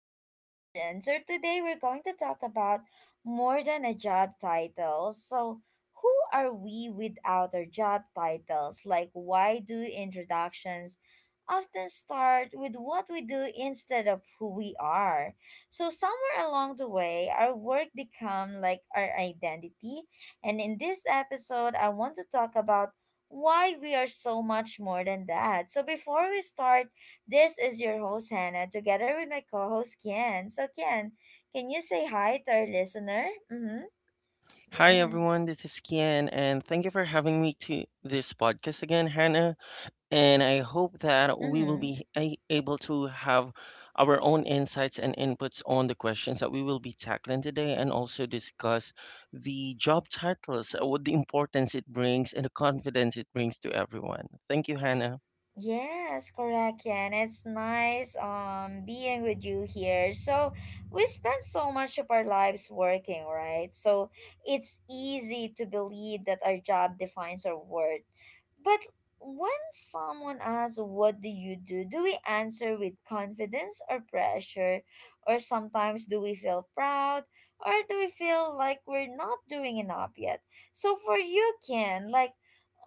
our session. So today we're going to talk about more than a job title. So who are we without our job titles? Like, why do introductions often start with what we do instead of who we are? So somewhere along the way our work become like our identity, and in this episode, I want to talk about why we are so much more than that. So before we start, this is your host Hannah together with my co-host Ken. So Ken, can you say hi to our listener? Mm-hmm. Hi Yes. everyone, this is Kian, and thank you for having me to this podcast again, Hannah. And I hope that we will Mm-hmm. be able to have our own insights and inputs on the questions that we will be tackling today, and also discuss the job titles, what the importance it brings, and the confidence it brings to everyone. Thank you, Hannah. Yes, correct, Ken. It's nice being with you here. So we spend so much of our lives working, right? So it's easy to believe that our job defines our worth. But when someone asks, "What do you do?" do we answer with confidence or pressure? Or sometimes, do we feel proud? Or do we feel like we're not doing enough yet? So for you, Ken, like,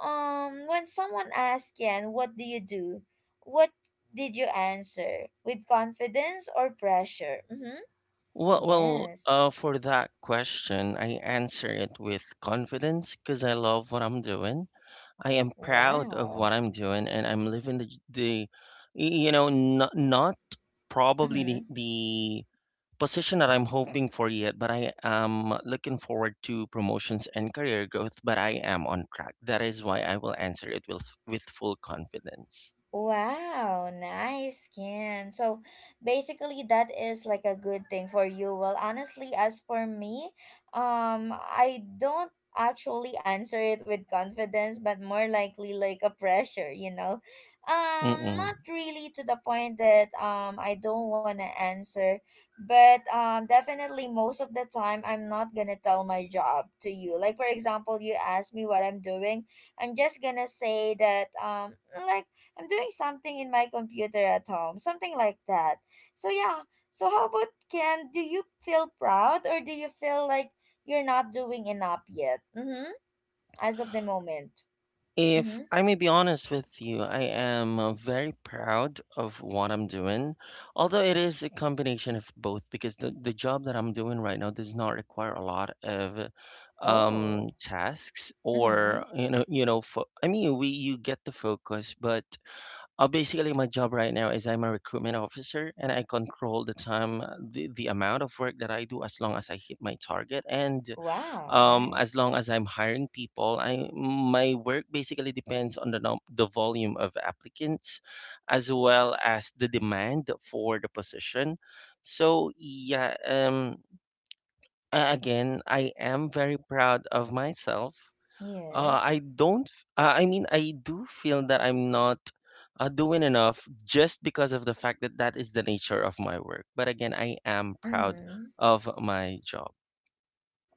um, when someone asks Ken, "What do you do?" What did you answer? With confidence or pressure? Mm-hmm. Well, well, Yes. uh, for that question, I answer it with confidence because I love what I'm doing. I am proud of what Wow. I'm doing and I'm living the not probably the, Mm-hmm. the position that I'm hoping for yet, but I am looking forward to promotions and career growth, but I am on track. That is why I will answer it with full confidence. Wow, nice, skin. So basically that is like a good thing for you. Well, honestly, as for me, I don't actually answer it with confidence, but more likely like a pressure, you know. Mm-mm. Not really to the point that I don't want to answer, but definitely most of the time I'm not going to tell my job to you. Like for example, you ask me what I'm doing, I'm just going to say that like I'm doing something in my computer at home, something like that. So yeah. So how about Ken? Do you feel proud, or do you feel like you're not doing enough yet? Mm-hmm. As of the moment. If Mm-hmm. I may be honest with you, I am very proud of what I'm doing. Although it is a combination of both, because the job that I'm doing right now does not require a lot of Oh. tasks Mm-hmm. or I mean we you get the focus. But basically my job right now is I'm a recruitment officer and I control the time, the amount of work that I do as long as I hit my target and, Wow. As Nice. long as I'm hiring people, I my work basically depends on the volume of applicants, as well as the demand for the position. So yeah, again, I am very proud of myself. I Yes. don't. F- I mean, I do feel that I'm not doing enough just because of the fact that that is the nature of my work. But again, I am proud Mm-hmm. of my job.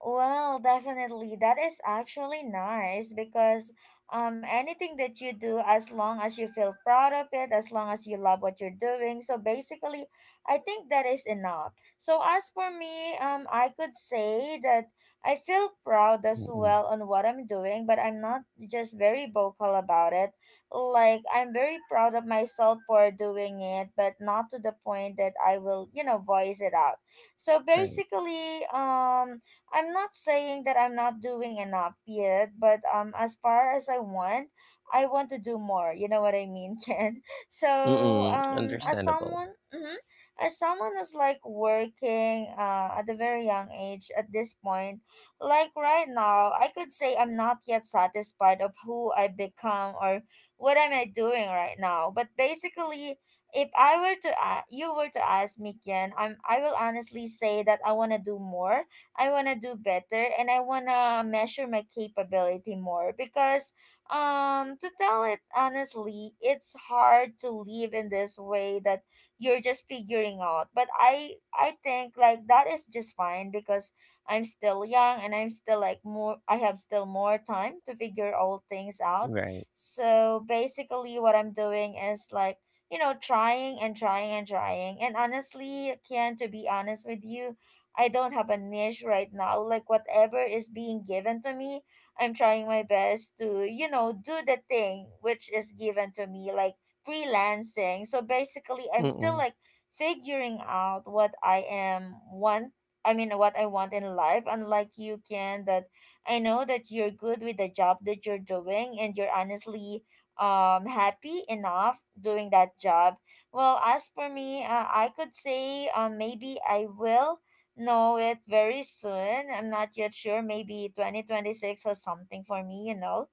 Well, definitely. That is actually nice because, anything that you do, as long as you feel proud of it, as long as you love what you're doing. So basically, I think that is enough. So, as for me, I could say that I feel proud Mm, as mm. well on what I'm doing, but I'm not just very vocal about it. Like, I'm very proud of myself for doing it, but not to the point that I will, voice it out. So Right. basically, I'm not saying that I'm not doing enough yet, but as far as I want to do more. You know what I mean, Ken? So Mm, as understandable. someone, mm-hmm, as someone who's like working at a very young age at this point, like right now, I could say I'm not yet satisfied of who I become or what am I doing right now. But basically, if I were to a you were to ask me, Ken, I will honestly say that I want to do more, I want to do better, and I want to measure my capability more because, to tell it honestly, it's hard to live in this way that you're just figuring out. But I think like that is just fine because I'm still young, and I have still more time to figure all things out. Right. So basically what I'm doing is like, you know, trying and trying and trying. And honestly, Kian, to be honest with you, I don't have a niche right now. Like whatever is being given to me, I'm trying my best to, you know, do the thing which is given to me, like freelancing. So basically, I'm still Mm. like figuring out what I am want. I mean, what I want in life. Unlike you, Ken, that I know that you're good with the job that you're doing, and you're honestly happy enough doing that job. Well, as for me, I could say, maybe I will know it very soon. I'm not yet sure. Maybe 2026 or something for me, you know.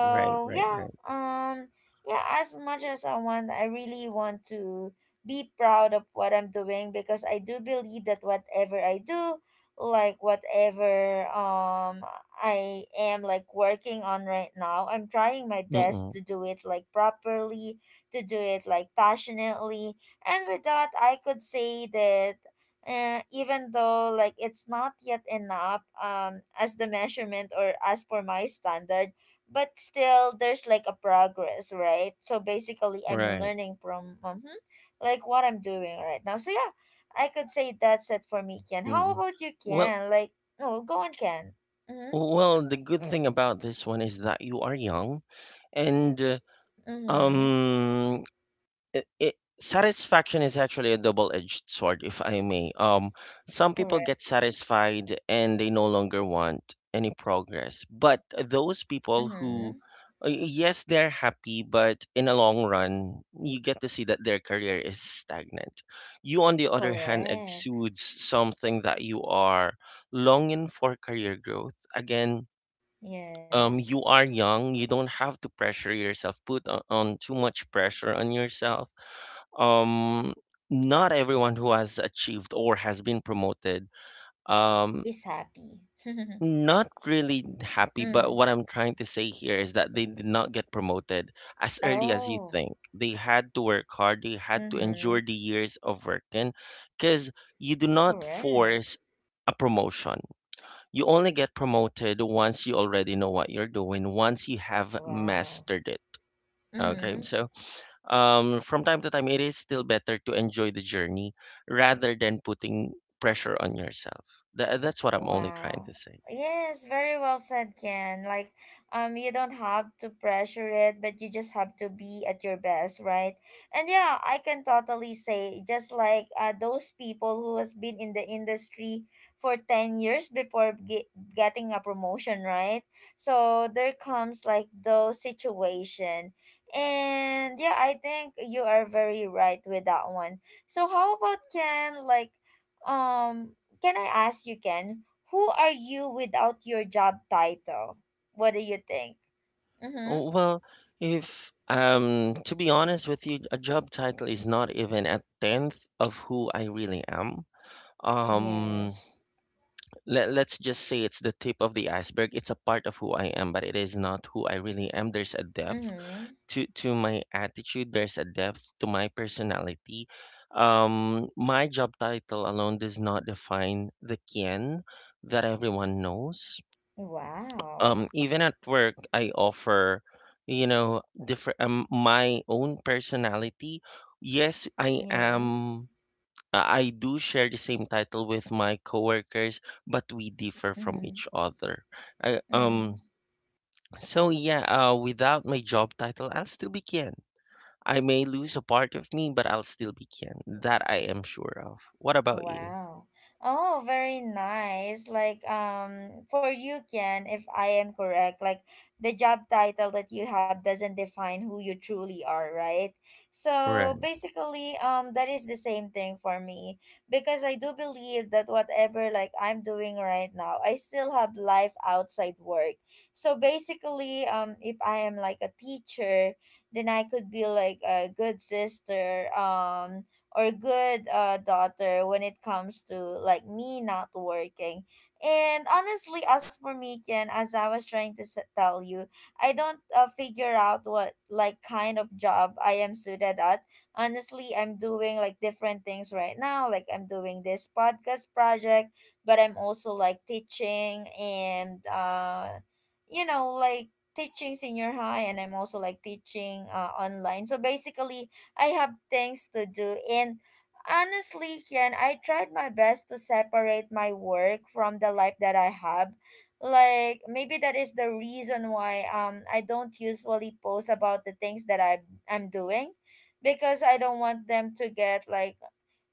Right, right, yeah, right. um, yeah. As much as I want, I really want to be proud of what I'm doing because I do believe that whatever I do, like whatever, I am like working on right now, I'm trying my best Mm. to do it like properly, to do it like passionately, and with that, I could say that, even though like it's not yet enough as the measurement or as per my standard, but still there's like a progress, right? So basically I'm Right. learning from, mhm, like what I'm doing right now. So yeah, I could say that's it for me. Ken, how Mm. about you, Well, Ken? Like, no, go on, Ken. Mm-hmm. well, the good thing about this one is that you are young, and Mm-hmm. um it, it satisfaction is actually a double-edged sword, if I may. Some people Correct. get satisfied and they no longer want any progress, but those people who, Mm-hmm. Yes, they're happy, but in a long run you get to see that their career is stagnant. You on the other hand Correct. exudes something that you are longing for career growth again. Yes. You are young, you don't have to pressure yourself, put on too much pressure on yourself. um, Not everyone who has achieved or has been promoted, um, Is happy. not really happy, but Mm. what I'm trying to say here is that they did not get promoted as early as you Oh. think. They had to work hard, they had to Mm-hmm. endure the years of working, because you do not Correct. force a promotion. You only get promoted once you already know what you're doing, once you have Wow. mastered it. Okay. Hmm. So, from time to time, it is still better to enjoy the journey rather than putting pressure on yourself. That's what I'm only trying to Wow. say. Yes, very well said, Ken. Like, you don't have to pressure it, but you just have to be at your best, right? And yeah, I can totally say, just like, those people who has been in the industry for 10 years before getting a promotion, right? So there comes like those situation. And yeah, I think you are very right with that one. So how about Ken, um, can I ask you, Ken, who are you without your job title? What do you think? Mm-hmm. Oh, well, if to be honest with you, a job title is not even a tenth of who I really am. Um, Yes. Let's just say it's the tip of the iceberg. It's a part of who I am, but it is not who I really am. There's a depth Mm-hmm. to my attitude, there's a depth to my personality. Um, my job title alone does not define the Kin that everyone knows. Wow. Um, even at work I offer, you know, different, my own personality. Yes, I Yes. am I do share the same title with my coworkers, but we differ from Mm-hmm. each other. I, um Mm-hmm. so yeah, without my job title I'll still be Kin. I may lose a part of me, but I'll still be Ken. That I am sure of. What about you? Wow. Oh, very nice. Like, for you, Ken, if I am correct, like the job title that you have doesn't define who you truly are, right? So Right, basically, that is the same thing for me because I do believe that whatever like I'm doing right now, I still have life outside work. So basically, if I am like a teacher, then I could be like a good sister, or good, daughter when it comes to like me not working. And honestly, as for me, Ken, as I was trying to tell you, I don't, figure out what like kind of job I am suited at. Honestly, I'm doing like different things right now. Like I'm doing this podcast project, but I'm also like teaching, and you know, like teaching senior high, and I'm also like teaching, online. So basically, I have things to do. And honestly, Ken, I tried my best to separate my work from the life that I have. Like maybe that is the reason why I don't usually post about the things that I'm doing because I don't want them to get like,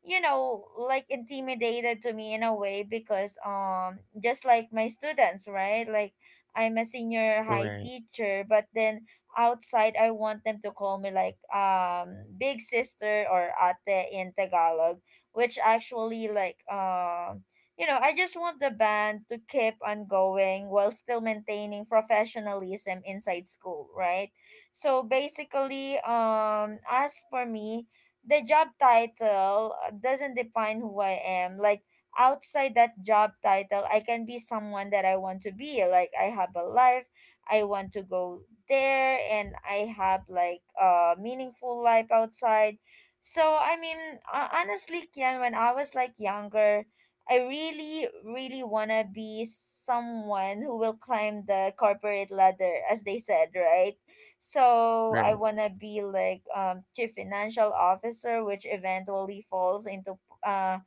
you know, like intimidated to me in a way because, just like my students, right? Like I'm a senior high right, teacher, but then outside I want them to call me like, big sister or ate in tagalog, which actually like, I just want the band to keep on going while still maintaining professionalism inside school, right? So basically, as for me, the job title doesn't define who I am. Like outside that job title, I can be someone that I want to be. Like I have a life, I want to go there, and I have like a meaningful life outside. So I mean, honestly, Kian, when I was like younger, I really, really wanna be someone who will climb the corporate ladder, as they said, right? So I right. wanna be like, chief financial officer, which eventually falls into, uh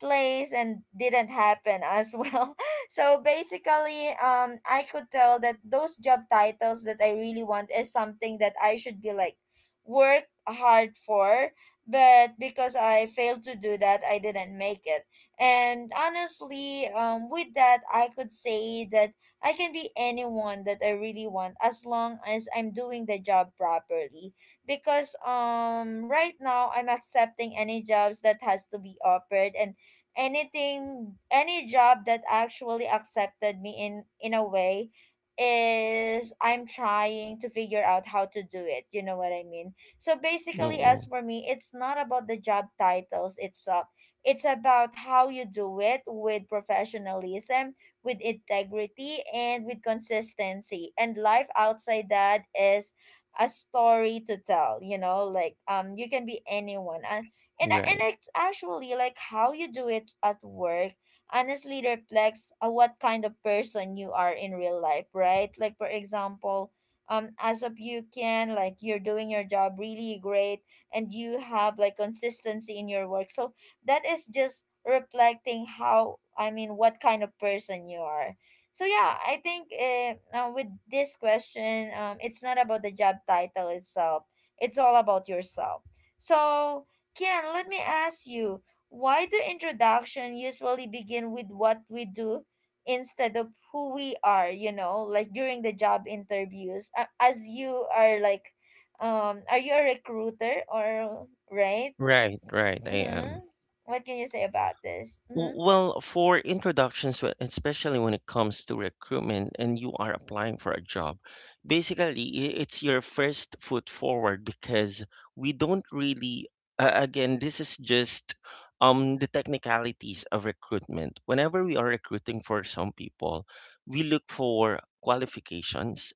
place and didn't happen as well. So basically, I could tell that those job titles that I really want is something that I should be like work hard for, but because I failed to do that, I didn't make it. And honestly, with that, I could say that I can be anyone that I really want as long as I'm doing the job properly. Because, right now I'm accepting any jobs that has to be offered, and anything, any job that actually accepted me in a way, is I'm trying to figure out how to do it. You know what I mean? So basically, as Mm-mm. for me, it's not about the job titles itself. It's about how you do it, with professionalism, with integrity, and with consistency. And life outside that is a story to tell, you know, like, you can be anyone. And and Right, it's actually like how you do it at work honestly reflects, what kind of person you are in real life, right? Like for example, as of you can, like, you're doing your job really great, and you have like consistency in your work. So that is just reflecting how I mean what kind of person you are. So yeah, I think with this question, it's not about the job title itself, it's all about yourself. So Ken, let me ask you, why do introduction usually begin with what we do instead of who we are, you know, like during the job interviews? As you are like, are you a recruiter, or right? right, right. I Mm-hmm. am. What can you say about this? W- Mm-hmm. Well, for introductions, especially when it comes to recruitment and you are applying for a job, basically it's your first foot forward because we don't really, again, this is just, the technicalities of recruitment. Whenever we are recruiting for some people, we look for qualifications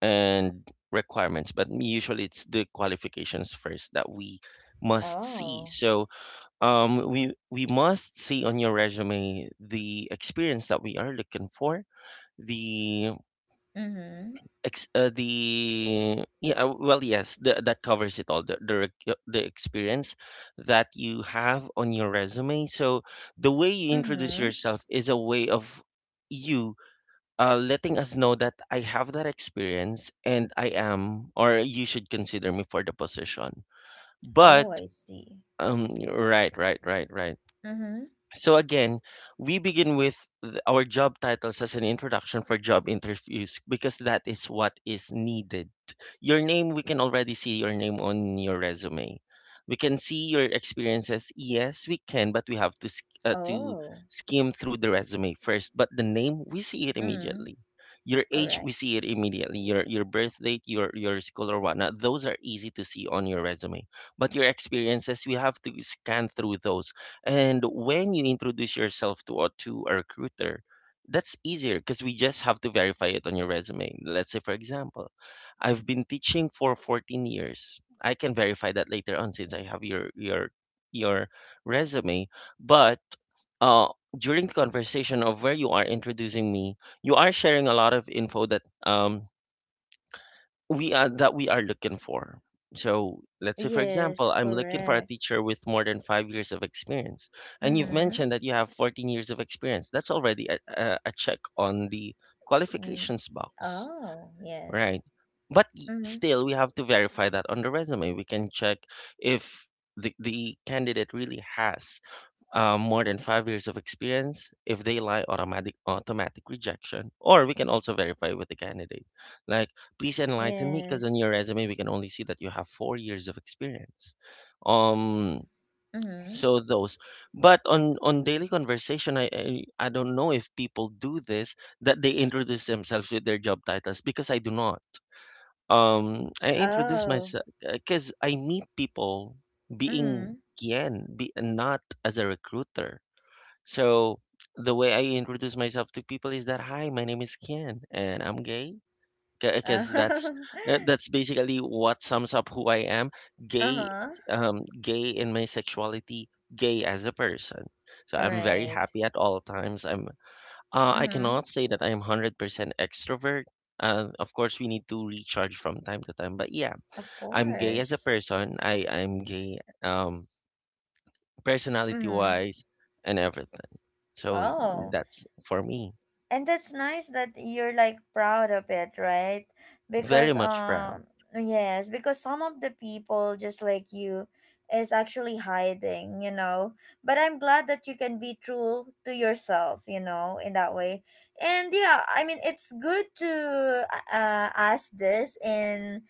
and requirements, but usually it's the qualifications first that we must see. Oh. So, we must see on your resume the experience that we are looking for, the Mm-hmm. ex- the yeah well yes the, that covers it all the rec- the experience that you have on your resume. So the way you introduce Mm-hmm. yourself is a way of you letting us know that I have that experience and I am, or you should consider me for the position. But, Oh, I see. um, right, right, right, right. Mm-hmm. So again, we begin with our job titles as an introduction for job interviews because that is what is needed. Your name, we can already see your name on your resume. We can see your experiences, yes we can, but we have to Oh. skim through the resume first. But the name, we see it Mm-hmm. immediately. Your age, we Correct. see it immediately. Your birth date, your school or whatnot, those are easy to see on your resume. But your experiences, we have to scan through those. And when you introduce yourself to a recruiter, that's easier because we just have to verify it on your resume. Let's say for example I've been teaching for 14 years. I can verify that later on since I have your your resume. But uh, during the conversation of where you are introducing me, you are sharing a lot of info that we are, that we are looking for. So let's say, for example, Yes, I'm looking for a correct. teacher with more than 5 years of experience, and you've Mm-hmm. mentioned that you have 14 years of experience. That's already a check on the Mm. qualifications box. Oh, yes. Right. But Mm-hmm. still, we have to verify that on the resume. We can check if the candidate really has, more than 5 years of experience. If they lie, automatic rejection. Or we can also verify with the candidate. Like, please enlighten me, because on Yes. your resume we can only see that you have 4 years of experience. Um, Mm-hmm. so those. But on daily conversation, I don't know if people do this, that they introduce themselves with their job titles, because I do not. I introduce Oh. myself because I meet people Mm-hmm. being Kien, be not as a recruiter. So the way I introduce myself to people is that, "Hi, my name is Kien, and I'm gay." Because Oh. That's basically what sums up who I am: gay, Uh-huh. Gay in my sexuality, gay as a person. So I'm very Right. happy at all times. I'm, I Mm-hmm. cannot say that I'm 100% extrovert. Of course, we need to recharge from time to time. But yeah, Of I'm gay as a course. person. I'm gay, personality Mm-hmm. wise and everything. So Oh. that's for me. And that's nice that you're like proud of it, right? Very Because much proud. um, yes, because some of the people just like you is actually hiding, you know, but I'm glad that you can be true to yourself, you know, in that way. And yeah, I mean, it's good to ask this in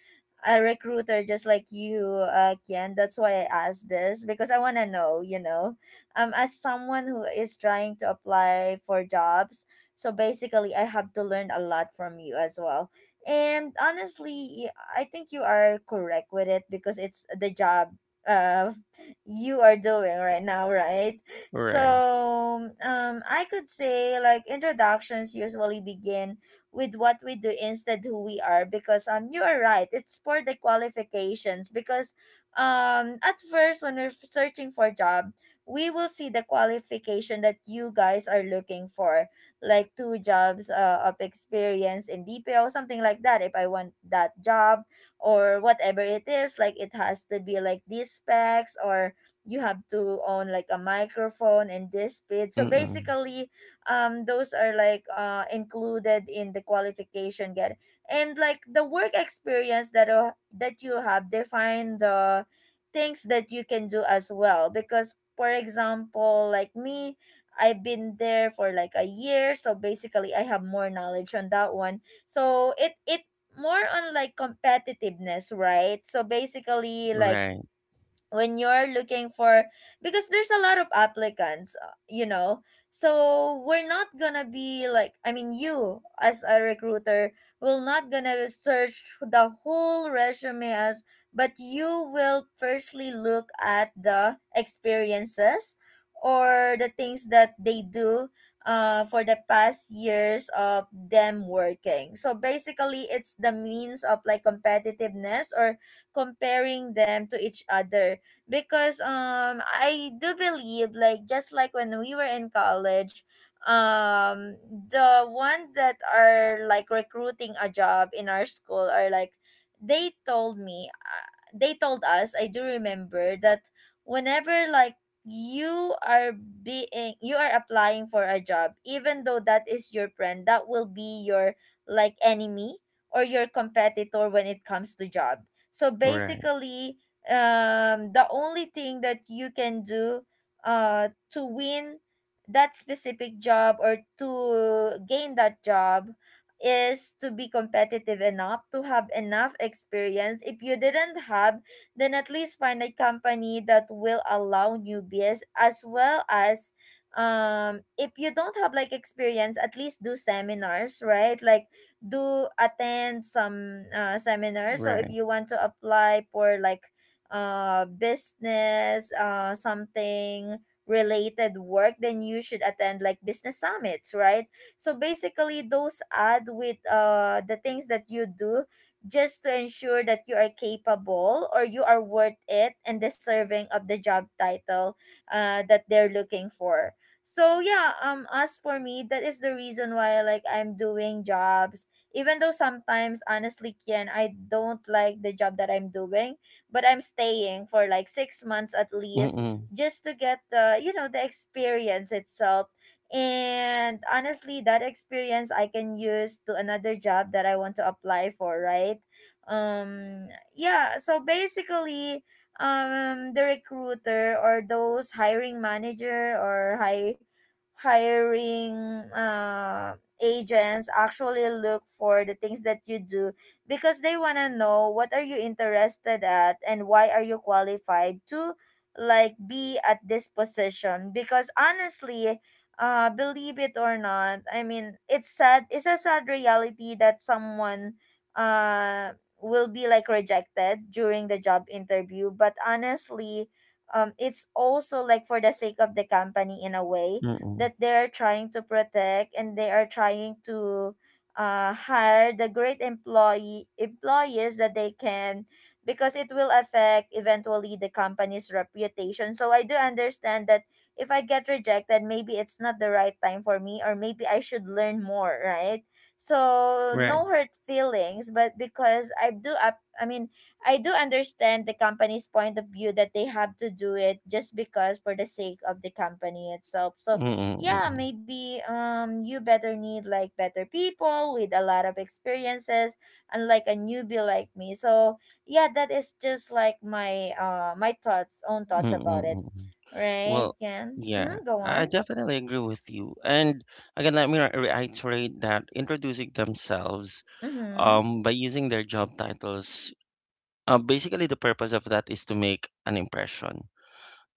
a recruiter just like you, Ken. That's why I asked this, because I want to know, you know, as someone who is trying to apply for jobs. So basically, I have to learn a lot from you as well. And honestly, I think you are correct with it because it's the job uh you are doing right now, right? Right. So, I could say like introductions usually begin with what we do instead who we are because you are right. It's for the qualifications because at first when we're searching for a job, we will see the qualification that you guys are looking for like two jobs of experience in BPO, something like that. If I want that job or whatever it is, like it has to be like these specs or you have to own like a microphone and this speed. So Mm-mm. basically, those are like included in the qualification get, and like the work experience that that you have define the things that you can do as well, because for example like me, I've been there for like a year, so basically I have more knowledge on that one. So it more on like competitiveness, right? So basically like Right. when you're looking for, because there's a lot of applicants you know, so we're not gonna be like, I mean, you as a recruiter will not gonna search the whole resume as, but you will firstly look at the experiences or the things that they do for the past years of them working. So basically it's the means of like competitiveness or comparing them to each other, because I do believe like just like when we were in college, the one that are like recruiting a job in our school are like, they told me they told us, I do remember that, whenever like you are being you are applying for a job, even though that is your friend, that will be your like enemy or your competitor when it comes to job. So Right. basically the only thing that you can do to win that specific job or to gain that job is to be competitive enough, to have enough experience. If you didn't have, then at least find a company that will allow newbies as well as if you don't have like experience, at least do seminars, right? Like do attend some seminars. So if Right. you want to apply for like business something related work, then you should attend like business summits, right? So basically those add with the things that you do, just to ensure that you are capable or you are worth it and deserving of the job title that they're looking for. So yeah, as for me, that is the reason why like I'm doing jobs, even though sometimes honestly Kian, I don't like the job that I'm doing, but I'm staying for like 6 months at least, Mm-mm. just to get the you know the experience itself. And honestly, that experience I can use to another job that I want to apply for, right? Um, yeah. So basically, the recruiter or those hiring manager or hire hiring agents actually look for the things that you do, because they want to know what are you interested at and why are you qualified to like be at this position. Because honestly, believe it or not, I mean, it's sad, it's a sad reality that someone uh will be like rejected during the job interview. But honestly, it's also like for the sake of the company, in a way Mm-mm. that they are trying to protect, and they are trying to hire the great employees that they can, because it will affect eventually the company's reputation. So I do understand that if I get rejected, maybe it's not the right time for me, or maybe I should learn more, right? So, Right. no hurt feelings, but because I do up I mean I do understand the company's point of view, that they have to do it just because for the sake of the company itself. So Mm-mm. yeah, Mm-mm. maybe you better need like better people with a lot of experiences, unlike a newbie like me. So yeah, that is just like my my thoughts own thoughts about it, Mm-mm. right Well, Ken? yeah, Mm-hmm, go I on. definitely agree with you. And again, let me reiterate that introducing themselves, Mm-hmm. By using their job titles, basically the purpose of that is to make an impression.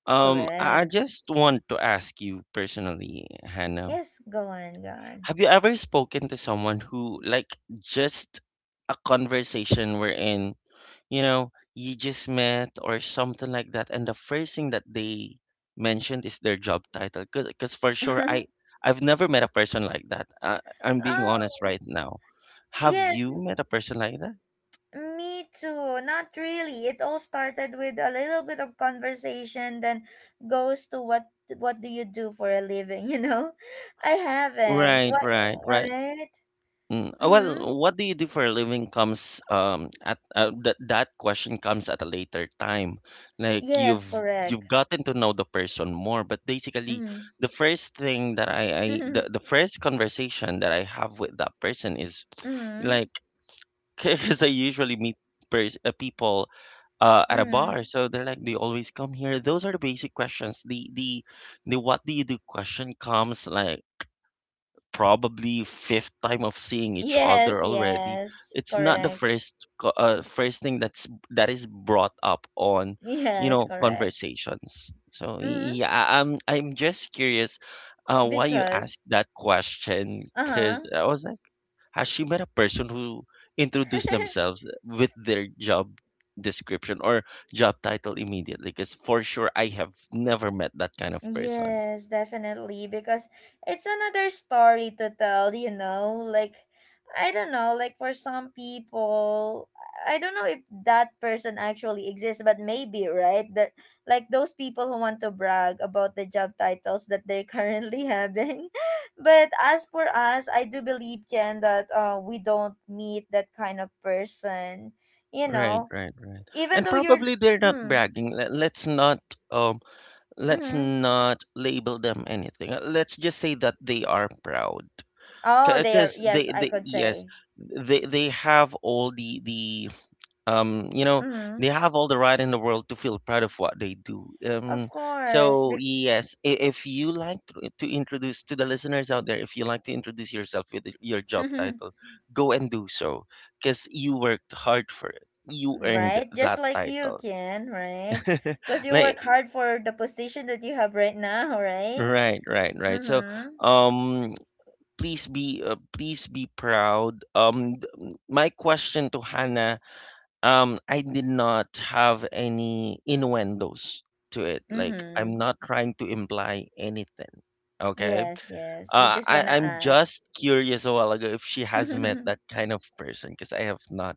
I Correct. just want to ask you personally, Hannah, Yes, go on, go on. have you ever spoken to someone who, like, just a conversation wherein, you know, you just met or something like that. And the first thing that they mentioned is their job title. Because for sure, I've never met a person like that. I'm being Oh honest right now. Have yes. you met a person like that? Me too. Not really. It all started with a little bit of conversation, then goes to what do you do for a living? You know, I haven't. Right, What, right, right. right? Mm, Mm-hmm. well, what do you do for a living comes, um, at that question comes at a later time. Like Yes, correct. you've gotten to know the person more. But basically Mm-hmm. the first thing that the first conversation that I have with that person is Mm-hmm. like, because I usually meet people, at a Mm-hmm. bar. So they're like, they always come here. Those are the basic questions. The what do you do question comes like probably fifth time of seeing each Yes, other already. yes, It's not the correct. First thing that is brought up on, you Yes, know, correct. conversations. So Mm-hmm. yeah, I'm just curious why you Because, asked that question, uh huh. because I was like, has she met a person who introduced themselves with their job description or job title immediately? Because for sure I have never met that kind of person. Yes, definitely, because it's another story to tell, you know? Like, I don't know, like for some people, I don't know if that person actually exists, but maybe, right? That like those people who want to brag about the job titles that they're currently having. But as for us, I do believe, Ken, that we don't meet that kind of person, you Right, know? right, right. Even And though you're. probably they're not Mm, bragging. Let's not, um, let's mm-hmm. not label them anything. Let's just say that they are proud. Oh, they Because are. Yes, they, I they could yes, say. they have all the um you know they Mm-hmm. have all the right in the world to feel proud of what they do. Of course. So Bec- yes, if you like to introduce to the listeners out there, if you like to introduce yourself with your job title, go and do so because you worked hard for it. You earned right? that Just like you title. can, right? Because you Like, work hard for the position that you have right now, right? right, so Mm-hmm. um please be proud. My question to Hannah, I did not have any innuendos to it. Like, Mm-hmm. I'm not trying to imply anything, okay? Yes, yes. You uh, just i want to i'm ask. just curious a while ago if she has met that kind of person, because I have not.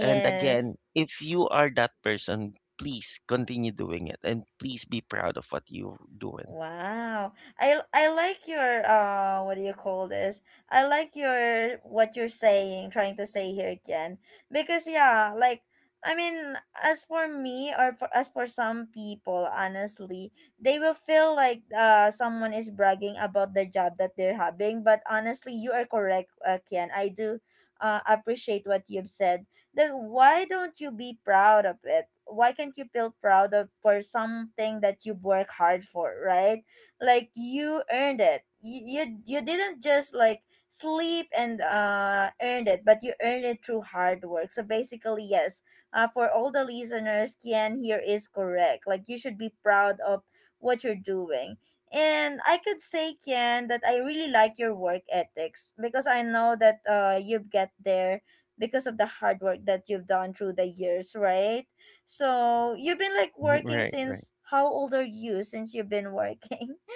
And again, if you are that person, please continue doing it and please be proud of what you're doing. Wow. I like your what do you call this? I like your what you're saying, trying to say here again. Because yeah, like I mean, as for me or as for some people, honestly, they will feel like someone is bragging about the job that they're having, but honestly, you are correct, Kian. I do appreciate what you've said. Then why don't you be proud of it? Why can't you feel proud of for something that you work hard for, right? Like you earned it. You didn't just like sleep and earned it, but you earned it through hard work. So basically, yes, for all the listeners, Kian here is correct. Like you should be proud of what you're doing. And I could say, Kian, that I really like your work ethics, because I know that you get there because of the hard work that you've done through the years, right? So you've been like working Right, right. since how old are you since you've been working?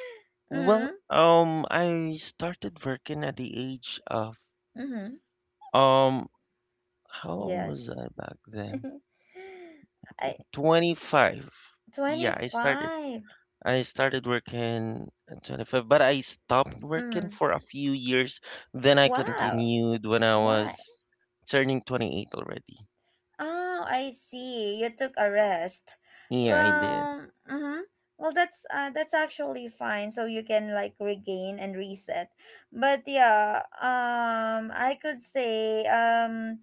Well, Mm-hmm. I started working at the age of Mm-hmm. um how old was I Yes. back then? I 25. Yeah, I started 25. Working at 25, but I stopped working Mm. for a few years. Then I Wow. continued when I Why? was turning 28 already. Oh, I see. You took a rest. Yeah, I did. Well, mm-hmm. Well, that's actually fine. So you can like regain and reset. But yeah, I could say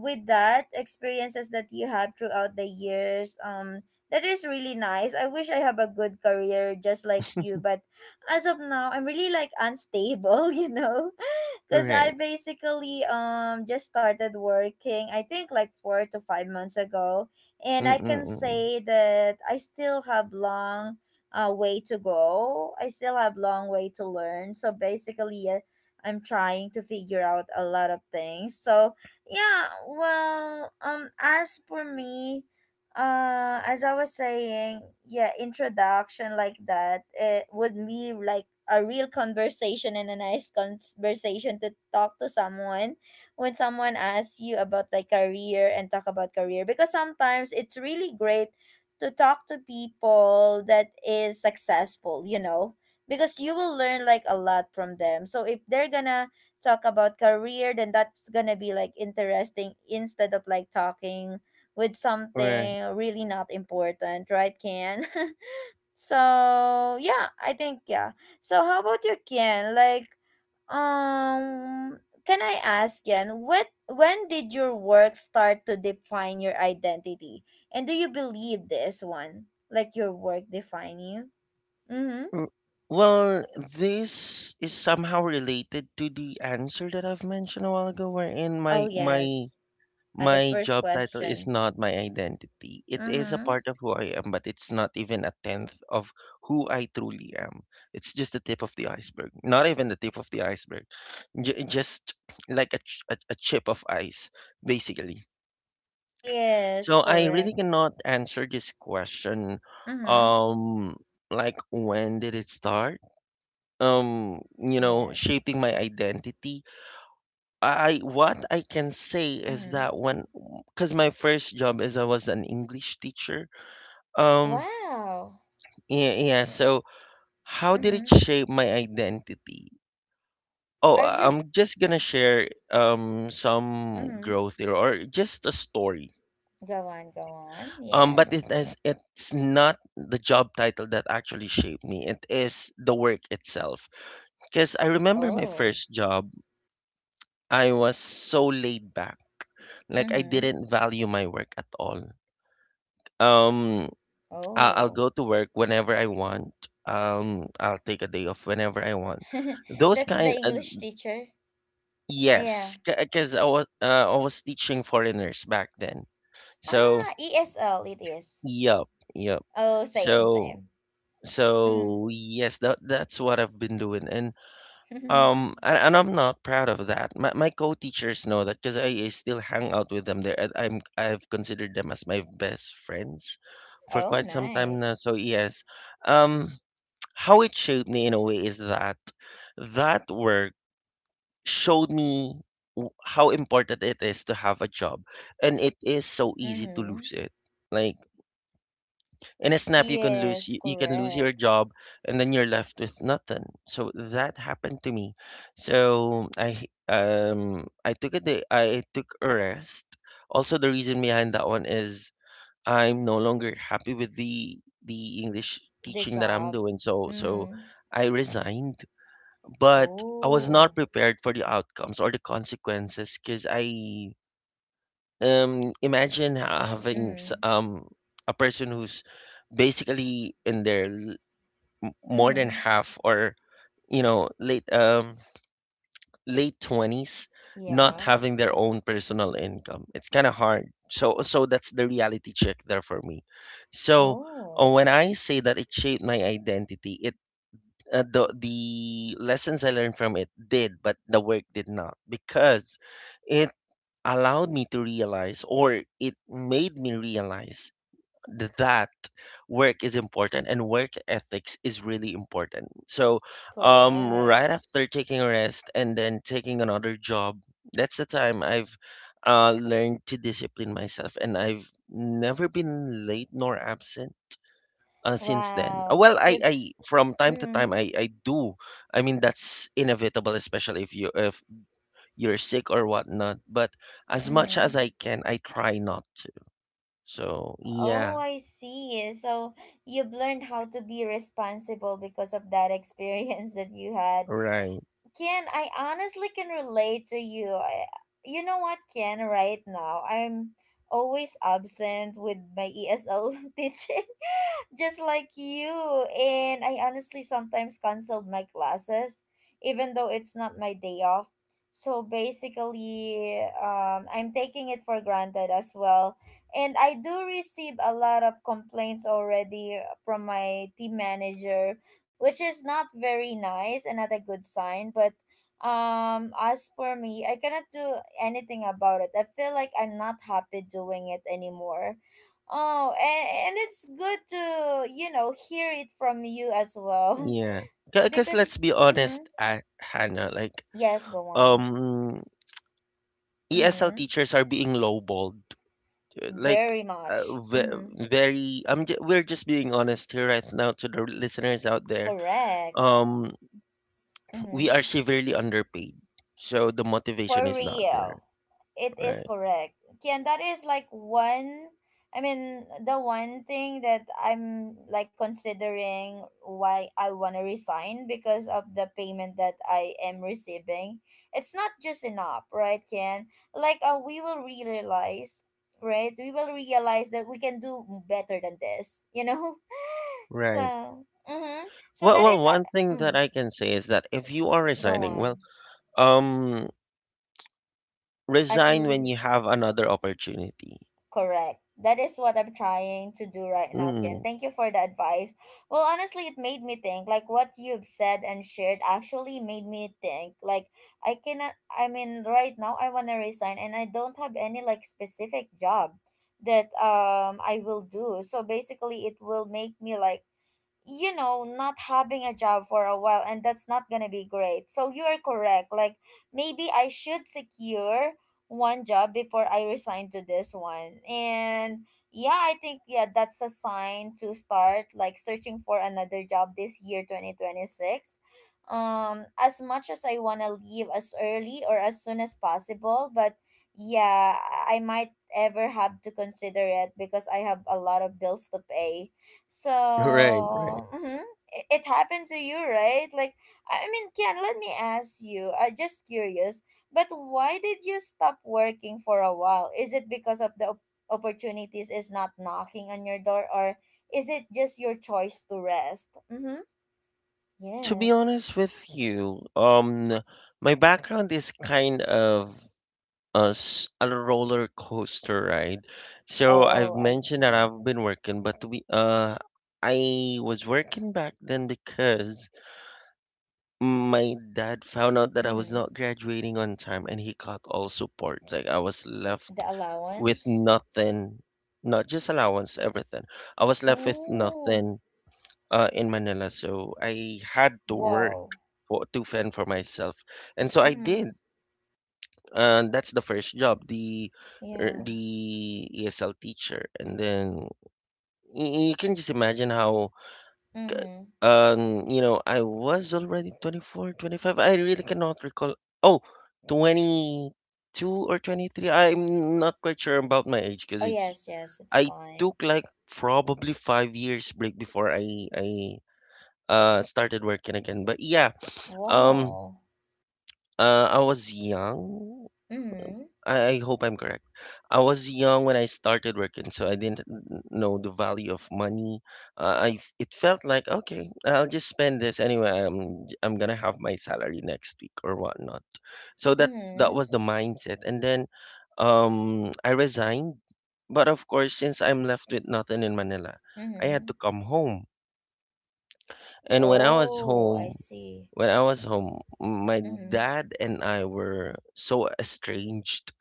with that experiences that you have throughout the years, that is really nice. I wish I have a good career just like you, but as of now, I'm really like unstable. You know, because I Right. basically just started working I think like 4 to 5 months ago, and I can Mm-mm-mm. say that I still have long way to go. I still have long way to learn, so basically yeah, I'm trying to figure out a lot of things. So yeah, well as for me, as I was saying, yeah, introduction like that, it would be like a real conversation and a nice conversation to talk to someone when someone asks you about like career and talk about career, because sometimes it's really great to talk to people that is successful, you know, because you will learn like a lot from them. So if they're gonna talk about career, then that's gonna be like interesting, instead of like talking with Right. something really not important, right, Ken? So yeah, I think yeah. So how about you, Ken? Like, um, can I ask Ken, what when did your work start to define your identity? And do you believe this one? Like your work define you? Mm-hmm. Mm. Well, this is somehow related to the answer that I've mentioned a while ago, wherein Oh my yes. At the my first job title is question. not my identity. It is a Mm-hmm. part of who I am, but it's not even a tenth of who I truly am. It's just the tip of the iceberg. Not even the tip of the iceberg. Just like a chip of ice, basically. Yes, So I really correct. cannot answer this question. Mm-hmm. Um, like when did it start? You know, Yes. shaping my identity. I, what I can say is Mm-hmm. that when, because my first job is I was an English teacher. Um, Wow. yeah, yeah. So how did Mm-hmm. it shape my identity? Oh, Are you I'm just gonna share some Mm-hmm. growth here, or just a story. Go on, go on. But Yes. It's not the job title that actually shaped me. It is the work itself. Because I remember my Oh. first job, I was so laid back. Like, I Mm-hmm. didn't value my work at all. Um, I'll Oh. go to work whenever I want. I'll take a day off whenever I want. Those That's the kind, English teacher. Yeah. yes, because I was teaching foreigners back then. So Ah, ESL it is. yep, yep. Oh, same, So same. so yes, that that's what I've been doing, and Mm-hmm. And I'm not proud of that. My co-teachers know that because I still hang out with them. There, I've considered them as my best friends for Oh, quite some time now. nice. So yes, um. How it shaped me in a way is that that work showed me how important it is to have a job, and it is so easy to Mm-hmm. lose it. Like, in a snap, you can lose Yes, you can lose correct. your job, and then you're left with nothing. So that happened to me. So I took a day I took a rest. Also, the reason behind that one is I'm no longer happy with the English The teaching that I'm job. doing. So so Mm-hmm. I resigned, but I was not Oh. prepared for the outcomes or the consequences because I, imagine having Mm-hmm. A person who's basically in more than Mm-hmm. half, or you know, late late 20s, not Yeah. having their own personal income. It's kind of hard. So so that's the reality check there for me. So Oh, when I say that it shaped my identity, it the lessons I learned from it did, but the work did not, because it allowed me to realize, or it made me realize that work is important and work ethics is really important. So, right correct. after taking a rest and then taking another job, that's the time I've learned to discipline myself, and I've never been late nor absent since then. Wow. Well, Good. I from time to time Mm-hmm. I do. I mean, that's inevitable, especially if you if you're sick or whatnot. But as much Mm-hmm. as I can, I try not to. So Oh, yeah, I see. So you've learned how to be responsible because of that experience that you had. right, Ken, I honestly can relate to you. You know what, Ken, right now, I'm always absent with my ESL teaching just like you. And I honestly sometimes canceled my classes, even though it's not my day off. So basically, I'm taking it for granted as well. And I do receive a lot of complaints already from my team manager, which is not very nice and not a good sign. But as for me, I cannot do anything about it. I feel like I'm not happy doing it anymore. Oh, and it's good to hear it from you as well. yeah. Because because, let's be mm-hmm. honest, Hannah, like Yes, go on. um, ESL Mm-hmm. teachers are being lowballed. Like Very uh, much. ve- Mm-hmm. very, we're just being honest here right now to the listeners out there. Correct. Um, we are Mm-hmm. severely underpaid. So the motivation For is not there. real. It is Right. correct. Kian, that is like I mean, the one thing that I'm like considering why I want to resign because of the payment that I am receiving. It's not just enough, right, Kian? Like, we will right? We will realize that we can do better than this, you know? Right. So, mm-hmm. So Well, that well, is, one thing that mm, I can say is that if you are go resigning, well, on, um, at resign when you least. have another opportunity. Correct. That is what I'm trying to do right now, Ken. Mm. Thank you for the advice. Well, honestly, it made me think. Like what you've said and shared actually made me think. Like I cannot. I mean, right now I wanna resign, and I don't have any like specific job that I will do. So basically, it will make me like you know not having a job for a while, and that's not gonna be great, so you are correct. Like maybe I should secure one job before I resign to this one, and yeah, I think yeah, that's a sign to start like searching for another job this year 2026. As much as I want to leave as early or as soon as possible, but yeah, I might ever have to consider it because I have a lot of bills to pay. So, Right, right. mm-hmm, it happened to you, right? Like, I mean, Ken, let me ask you, I'm just curious, but why did you stop working for a while? Is it because of the opportunities is not knocking on your door, or is it just your choice to rest? Mm-hmm. To be Yes. honest with you, my background is kind of a roller coaster ride. So Oh, I've I mentioned that see. I've been working, but I was working back then because my dad found out that I was Mm-hmm. not graduating on time, and he cut all support. Like, I was The left with allowance. nothing, not just allowance, everything. I was left with Oh, nothing in Manila. So I had to work whoa. To fend for myself. And so I Mm-hmm. did. That's the first job, Yeah. the ESL teacher. And then you can just imagine how K- Mm-hmm. You know, I was already 24, 25. I really cannot recall. Oh, 22 or 23. I'm not quite sure about my age because Oh, it's, yes, yes, it's I fine. took like probably 5 years break before I started working again. But yeah, um, Whoa. I was young, Mm-hmm. I hope I'm correct. I was young when I started working, so I didn't know the value of money. It felt like okay, I'll just spend this anyway. I'm gonna have my salary next week or whatnot. So that that Mm-hmm. was the mindset, and then I resigned. But of course, since I'm left with nothing in Manila, I had Mm-hmm. to come home. And Oh, I see. when I was home, my Mm-hmm. dad and I were so estranged.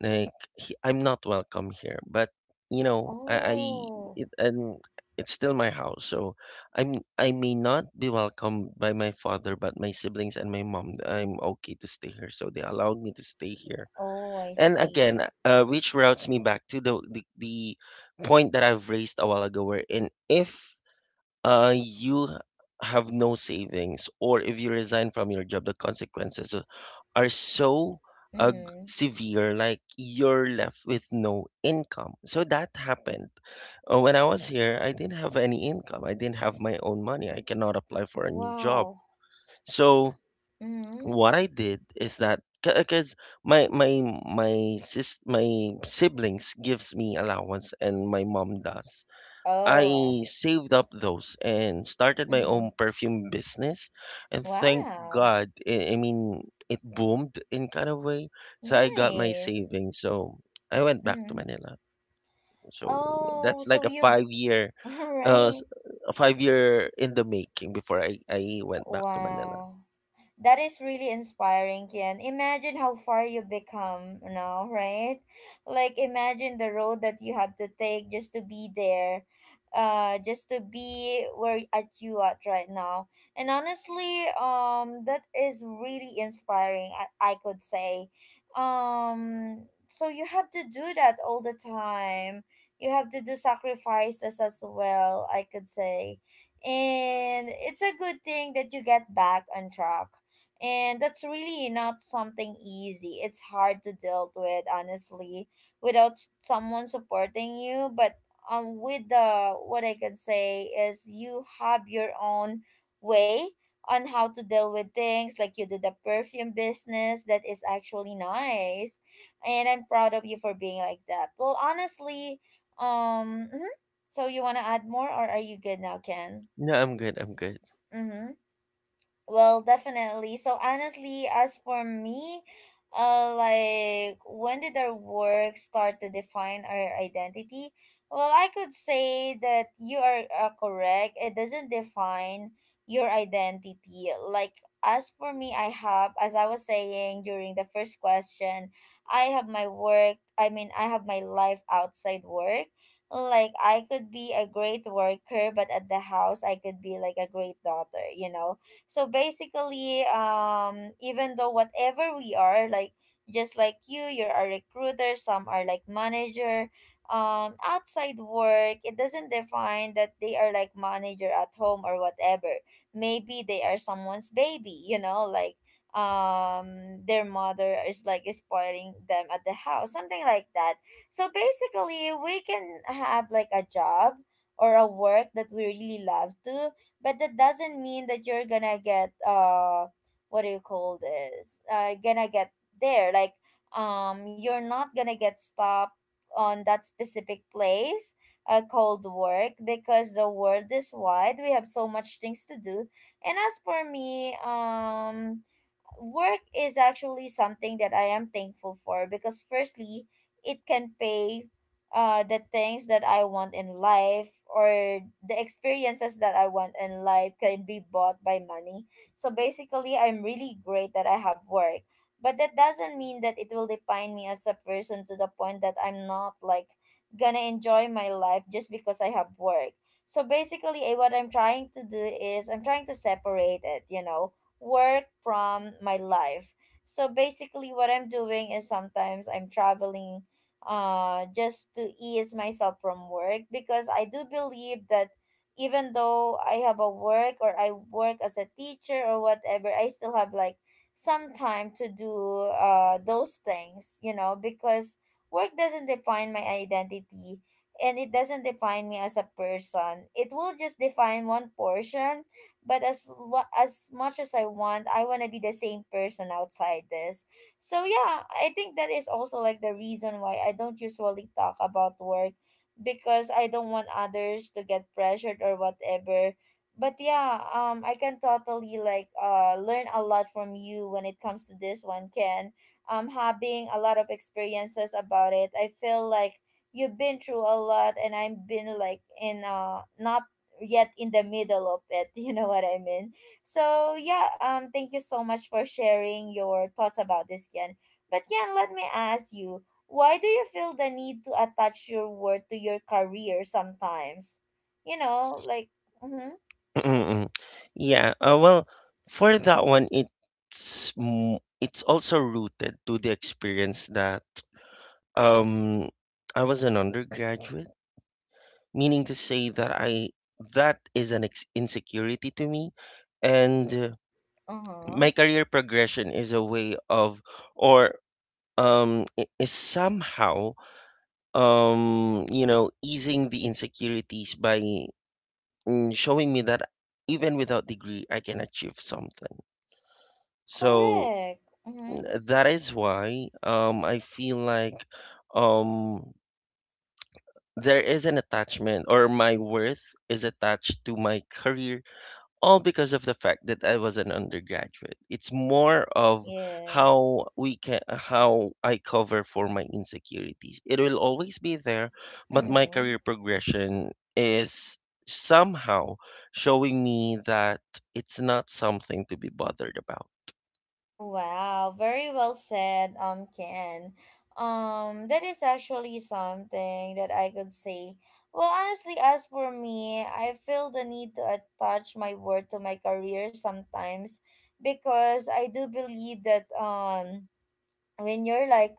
Like, he, I'm not welcome here. But you know, I Oh, it, and it's still my house, so I'm, I may not be welcomed by my father, but my siblings and my mom, I'm okay to stay here, so they allowed me to stay here. oh, I And see. again, which routes me back to the point that I've raised a while ago, where in if you have no savings, or if you resign from your job, the consequences are so uh, g- Mm-hmm. severe. Like, you're left with no income. So that happened. When I was here, I didn't have any income. I didn't have my own money. I cannot apply for a new job. Wow. So Mm-hmm. what I did is that because my sis my siblings gives me allowance and my mom does, Oh, I saved up those and started my mm-hmm. own perfume business. And thank Wow. God, I mean, it boomed in kind of way. So I got my Nice. savings. So I went back Mm-hmm. to Manila. So yeah, Oh, that's so like a you, 5 year, uh, right. s- a 5 year in the making before I went back to Manila. Wow. That is really inspiring, Kian. Imagine how far you become now, right? Like imagine the road that you have to take just to be there, just to be where at you at right now. And honestly, that is really inspiring. I could say, um, so you have to do that all the time. You have to do sacrifices as well. I could say, and it's a good thing that you get back on track, and that's really not something easy. It's hard to deal with, honestly, without someone supporting you. But with the what I can say is you have your own way on how to deal with things. Like you do the perfume business that is actually nice, and I'm proud of you for being like that. Well, honestly, um, mhm. So you wanna add more, or are you good now, Ken? No, I'm good. I'm good. Mm-hmm. Well, definitely. So honestly, as for me, like when did our work start to define our identity? Well, I could say that you are correct. It doesn't define your identity. Like as for me, I have, as I was saying during the first question, I have my work. I mean, I have my life outside work. Like I could be a great worker, but at the house, I could be like a great daughter. You know, so basically, even though whatever we are, like just like you, you're a recruiter, some are like manager, outside work, it doesn't define that they are like manager at home or whatever. Maybe they are someone's baby, you know, like their mother is like spoiling them at the house, something like that. So basically we can have like a job or a work that we really love to, but that doesn't mean that you're gonna get what do you call this, gonna get there like you're not gonna get stopped on that specific place, called work, because the world is wide, we have so much things to do. And as for me, work is actually something that I am thankful for because firstly, it can pay the things that I want in life, or the experiences that I want in life can be bought by money. So basically, I'm really great that I have work. But that doesn't mean that it will define me as a person to the point that I'm not like gonna enjoy my life just because I have work. So basically, what I'm trying to do is I'm trying to separate it, you know, work from my life. So basically, what I'm doing is sometimes I'm traveling, just to ease myself from work, because I do believe that even though I have a work or I work as a teacher or whatever, I still have like some time to do those things, you know, because work doesn't define my identity, and it doesn't define me as a person. It will just define one portion, but as much as I want to be the same person outside this. So yeah, I think that is also like the reason why I don't usually talk about work, because I don't want others to get pressured or whatever. But yeah, I can totally like learn a lot from you when it comes to this one, Ken. Having a lot of experiences about it. I feel like you've been through a lot, and I've been like in not yet in the middle of it. You know what I mean? So yeah, thank you so much for sharing your thoughts about this, Ken. But Ken, let me ask you, why do you feel the need to attach your worth to your career sometimes, you know, like mm-hmm, Mm-mm. Yeah. Well, for that one, it's also rooted to the experience that, um, I was an undergraduate, meaning to say that I, that is an insecurity to me, and my uh-huh, career progression is a way of, or is somehow you know, easing the insecurities by mm, showing me that even without degree, I can achieve something. So correct, mm-hmm, mm, that is why I feel like um, there is an attachment, or my worth is attached to my career, all because of the fact that I was an undergraduate. It's more of yes, how we can how I cover for my insecurities. It will always be there, but my mm-hmm. career progression is somehow showing me that it's not something to be bothered about. Wow, very well said, Ken. That is actually something that I could say. Well, honestly, as for me, I feel the need to attach my work to my career sometimes, because I do believe that when you're like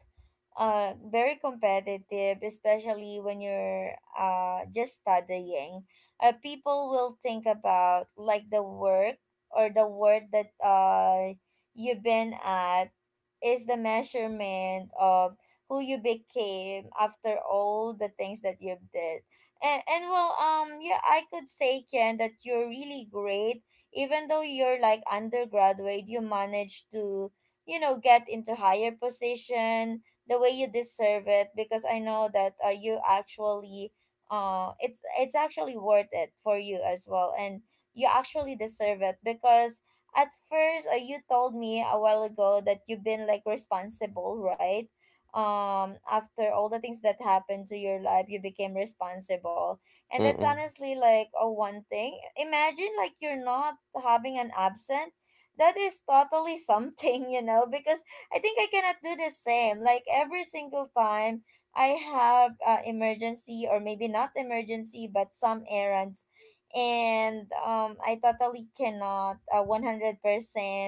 very competitive, especially when you're just studying, people will think about like the work or the word that you've been at is the measurement of who you became after all the things that you've did. And well, yeah, I could say, Ken, that you're really great. Even though you're like undergraduate, you managed to, you know, get into higher position the way you deserve it, because I know that you actually it's actually worth it for you as well, and you actually deserve it because at first, you told me a while ago that you've been like responsible, right? After all the things that happened to your life, you became responsible, and that's Mm-mm. honestly like a one thing. Imagine like you're not having an absence, that is totally something, you know, because I think I cannot do the same. Like every single time I have emergency, or maybe not emergency, but some errands, and I totally cannot 100%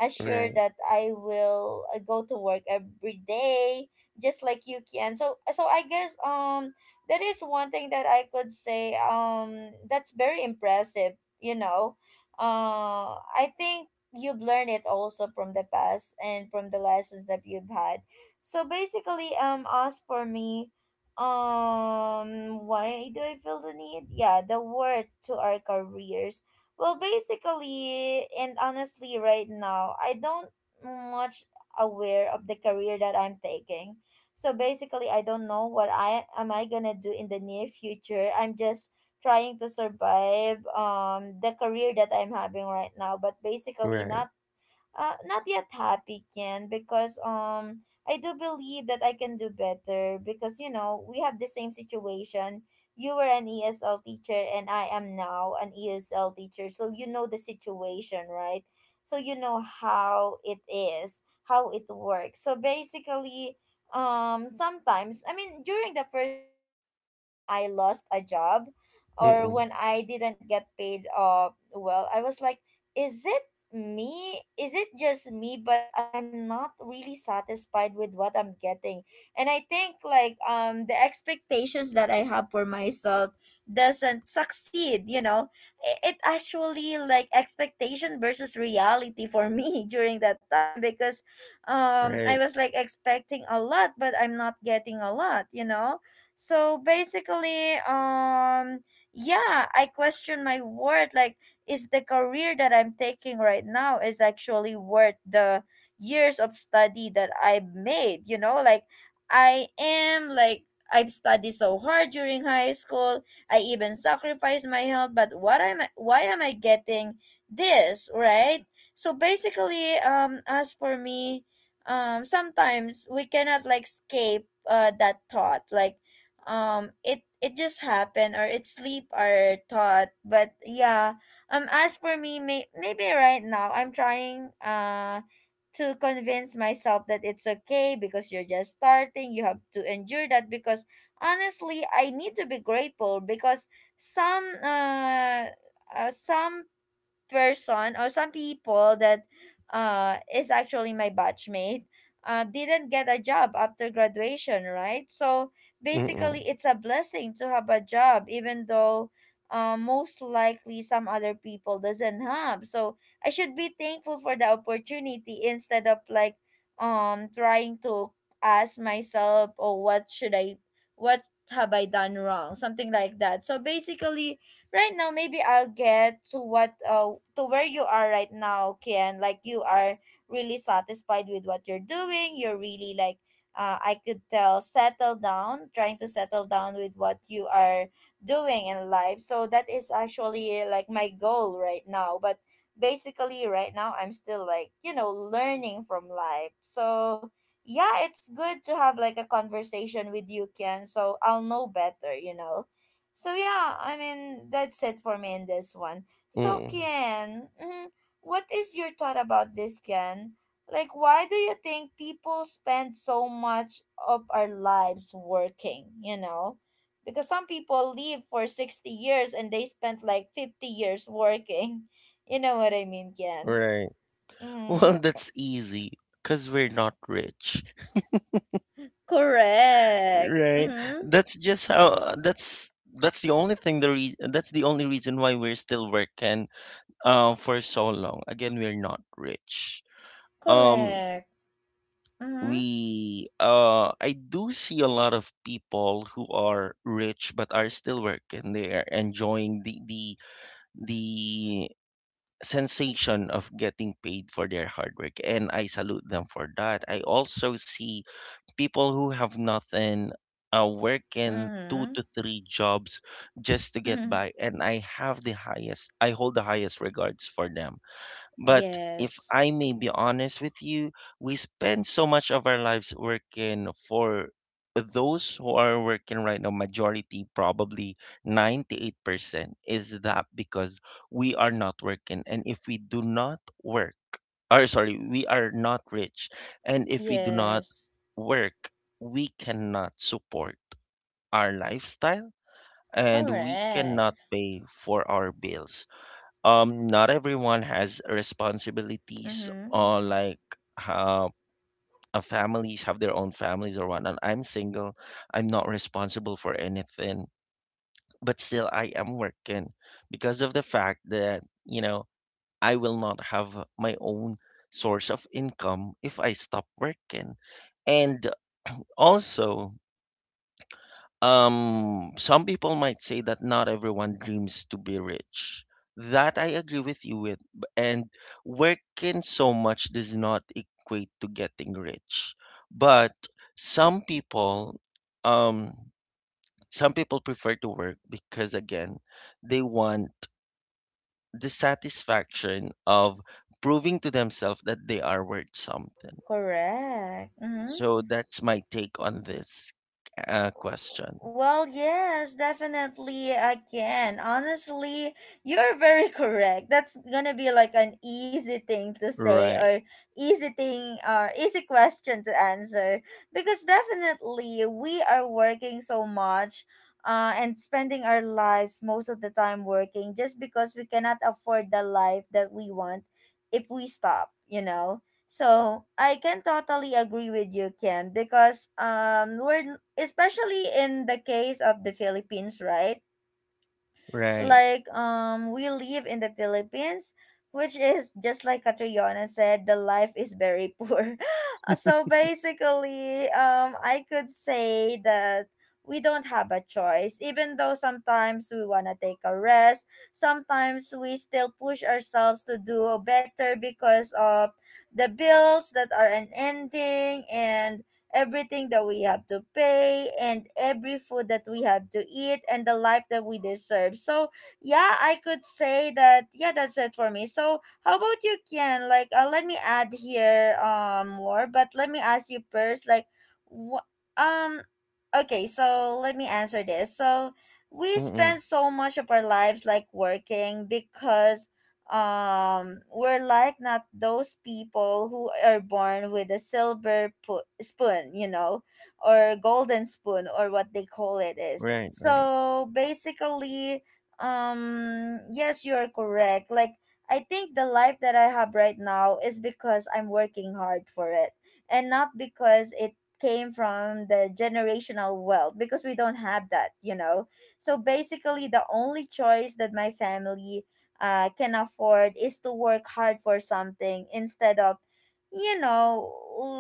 assure Right, that I will go to work every day just like you can. So so I guess that is one thing that I could say, that's very impressive, you know. I think you've learned it also from the past, and from the lessons that you've had. So basically, as for me, why do I feel the need? Yeah, the word to our careers. Well, basically, and honestly, right now, I don't much aware of the career that I'm taking. So basically, I don't know what I am I gonna do in the near future. I'm just trying to survive the career that I'm having right now, but basically right. not not yet happy, Ken, because I do believe that I can do better, because you know we have the same situation. You were an ESL teacher and I am now an ESL teacher, so you know the situation, right? So you know how it is, how it works. So basically, sometimes during the first time, honestly, when I lost a job, or Mm-mm. when I didn't get paid off, well, I was like, is it is it just me, but I'm not really satisfied with what I'm getting. And I think like the expectations that I have for myself doesn't succeed. It actually like expectation versus reality for me during that time because I Right. was like expecting a lot but I'm not getting a lot, you know? So basically, yeah, I question my worth. Like, is the career that I'm taking right now is actually worth the years of study that I've made, you know? Like, I am like, I've studied so hard during high school. I even sacrificed my health, but why am I getting this, right? So basically, as for me, sometimes we cannot like escape that thought. Like, it just happened or it sleep our thought. But yeah, as for me, maybe right now I'm trying to convince myself that it's okay because you're just starting. You have to endure that because honestly, I need to be grateful because some uh, some person or some people that is actually my batchmate didn't get a job after graduation, right? So Mm-mm. basically, it's a blessing to have a job even though, most likely, some other people doesn't have. So I should be thankful for the opportunity instead of like trying to ask myself, oh, what should I what have I done wrong, something like that. So basically right now, maybe I'll get to what to where you are right now, Kian. Like, you are really satisfied with what you're doing. You're really like, I could tell, settle down, trying to settle down with what you are doing in life. So that is actually like my goal right now. But basically right now I'm still like, you know, learning from life. So yeah, it's good to have like a conversation with you, Kian. So I'll know better, you know? So yeah, I mean, that's it for me in this one. So Mm-mm. Kian, mhm, what is your thought about this, Kian? Like, why do you think people spend so much of our lives working? You know, because some people live for 60 years and they spent like 50 years working. You know what I mean, Kian? Right. Mm-hmm. Well, that's easy because we're not rich, Correct. right? Mm-hmm. That's just how that's the only thing, the reason, that's the only reason why we're still working for so long. Again, we're not rich. Um Correct. Mm-hmm. we I do see a lot of people who are rich but are still working. They are enjoying the sensation of getting paid for their hard work, and I salute them for that. I also see people who have nothing working two Mm-hmm. to three jobs just to get by, and I hold the highest regards for them. But if Yes. I may be honest with you, we spend so much of our lives working for, those who are working right now, majority, probably 98%, is that because we are not working and if we do not work, or sorry, we are not rich, and if we do not Yes. work, we cannot support our lifestyle, and we Correct. cannot pay for our bills. Not everyone has responsibilities Mm-hmm. or like uh, families have their own families or whatnot. I'm single, I'm not responsible for anything, but still I am working, because of the fact that, you know, I will not have my own source of income if I stop working. And also, um, some people might say that not everyone dreams to be rich. That I agree with you with. And working so much does not equate to getting rich. But some people, um, some people prefer to work, because again, they want the satisfaction of proving to themselves that they are worth something. Correct. Mm-hmm. So that's my take on this question. Well, yes, definitely I can. Honestly, you're very correct. That's gonna be like an easy thing to say, Right, or easy thing or easy question to answer because definitely we are working so much, and spending our lives most of the time working just because we cannot afford the life that we want if we stop, you know? So I can totally agree with you, Ken, because we're especially in the case of the Philippines, right? right. Like, we live in the Philippines, which is just like Katriona said, the life is very poor. So basically, I could say that we don't have a choice. Even though sometimes we wanna take a rest, sometimes we still push ourselves to do better because of the bills that are unending, and everything that we have to pay, and every food that we have to eat, and the life that we deserve. So yeah, I could say that yeah, that's it for me. So how about you, Ken? Like, let me add here more, but let me ask you first. Like, wh- um, okay, so let me answer this. So we Mm-mm. spend so much of our lives like working because we're like not those people who are born with a silver spoon, you know, or golden spoon, or what they call it is. Right, right, So basically, yes, you're correct. Like, I think the life that I have right now is because I'm working hard for it, and not because it came from the generational wealth, because we don't have that, you know? So basically, the only choice that my family can afford is to work hard for something instead of, you know,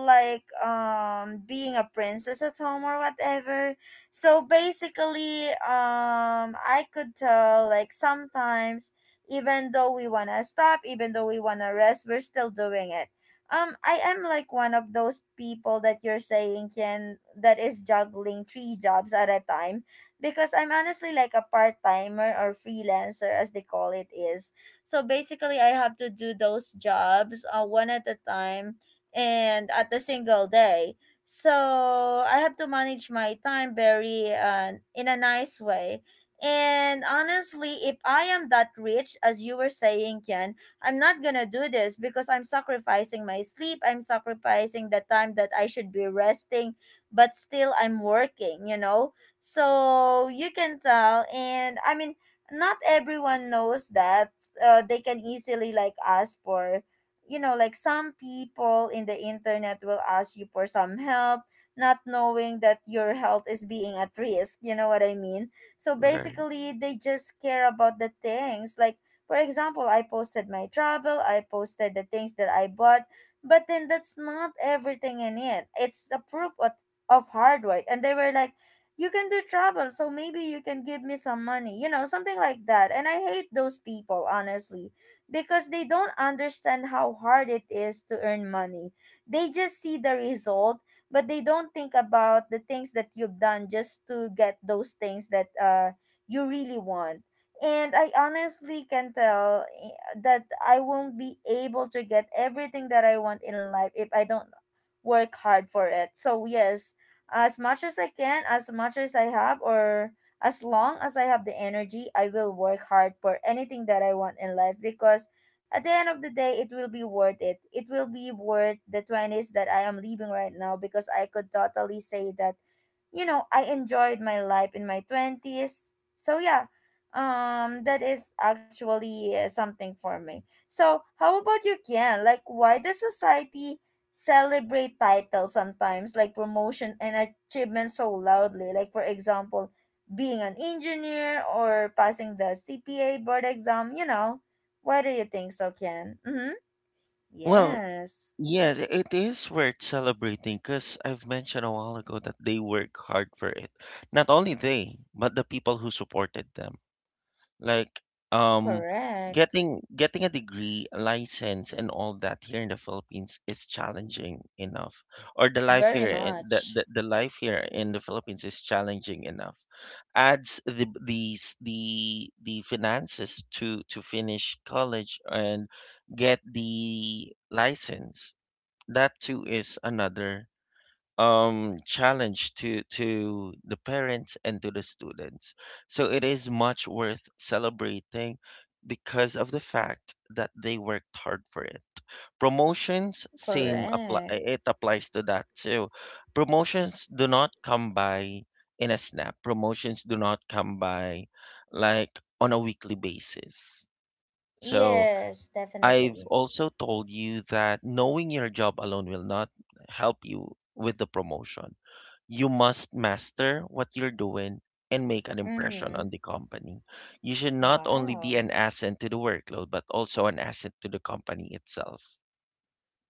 like being a princess at home or whatever. So basically, I could tell like sometimes, even though we want to stop, even though we want to rest, we're still doing it. I am like one of those people that you're saying, can that is juggling three jobs at a time because I'm honestly like a part-timer or freelancer, as they call it is. So basically I have to do those jobs, one at a time and at a single day. So I have to manage my time very in a nice way. And honestly, if I am that rich, as you were saying, Ken, I'm not gonna do this because I'm sacrificing my sleep. I'm sacrificing the time that I should be resting, but still I'm working, you know? So you can tell, and I mean, not everyone knows that, they can easily like ask for, you know, like some people in the internet will ask you for some help, not knowing that your health is being at risk. You know what I mean? So right. basically, they just care about the things like. For example, I posted my travel, I posted the things that I bought, but then that's not everything in it. It's a proof of hard work. And they were like, you can do travel, so maybe you can give me some money, you know, something like that. And I hate those people honestly because they don't understand how hard it is to earn money. They just see the result, but they don't think about the things that you've done just to get those things that you really want. And I honestly can tell, eh, that I won't be able to get everything that I want in life if I don't work hard for it. So yes, as much as I can, as much as I have, or as long as I have the energy, I will work hard for anything that I want in life because at the end of the day, it will be worth it. It will be worth the 20s that I am leaving right now because I could totally say that, you know, I enjoyed my life in my 20s. So, yeah, that is actually something for me. So, how about you, Kian? Like, why does society celebrate titles sometimes like promotion and achievements so loudly, like for example being an engineer or passing the cpa board exam, you know? Why do you think so, Ken? Mm-hmm. Well, Yes. yeah, it is worth celebrating because I've mentioned a while ago that they work hard for it. Not only they, but the people who supported them. Like, um, Correct. Getting a degree, a license, and all that here in the Philippines is challenging enough. Or the life Very here, much. The life here in the Philippines is challenging enough. Adds the these the finances to finish college and get the license. That too is another challenge to the parents and to the students. So it is much worth celebrating because of the fact that they worked hard for it. Promotions, same apply, Correct. it applies to that too. Promotions do not come by in a snap. Promotions do not come by like on a weekly basis. So Yes, I've definitely. also told you that knowing your job alone will not help you with the promotion. You must master what you're doing and make an impression Mm-hmm. on the company. You should not only be Wow. an asset to the workload, but also an asset to the company itself.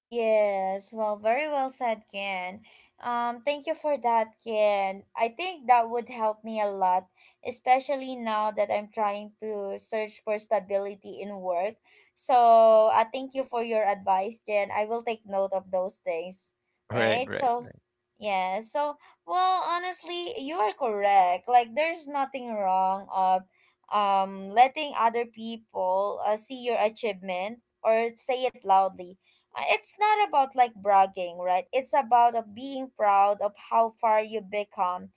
Yes, well, very well said, Ken. Thank you for that, Ken. I think that would help me a lot, especially now that I'm trying to search for stability in work. So, I thank you for your advice, Ken. I will take note of those things, Right, right? right. So, yeah. So, well, honestly, you are correct. Like, there's nothing wrong of letting other people see your achievement or say it loudly. It's not about like bragging, right? It's about being proud of how far you become,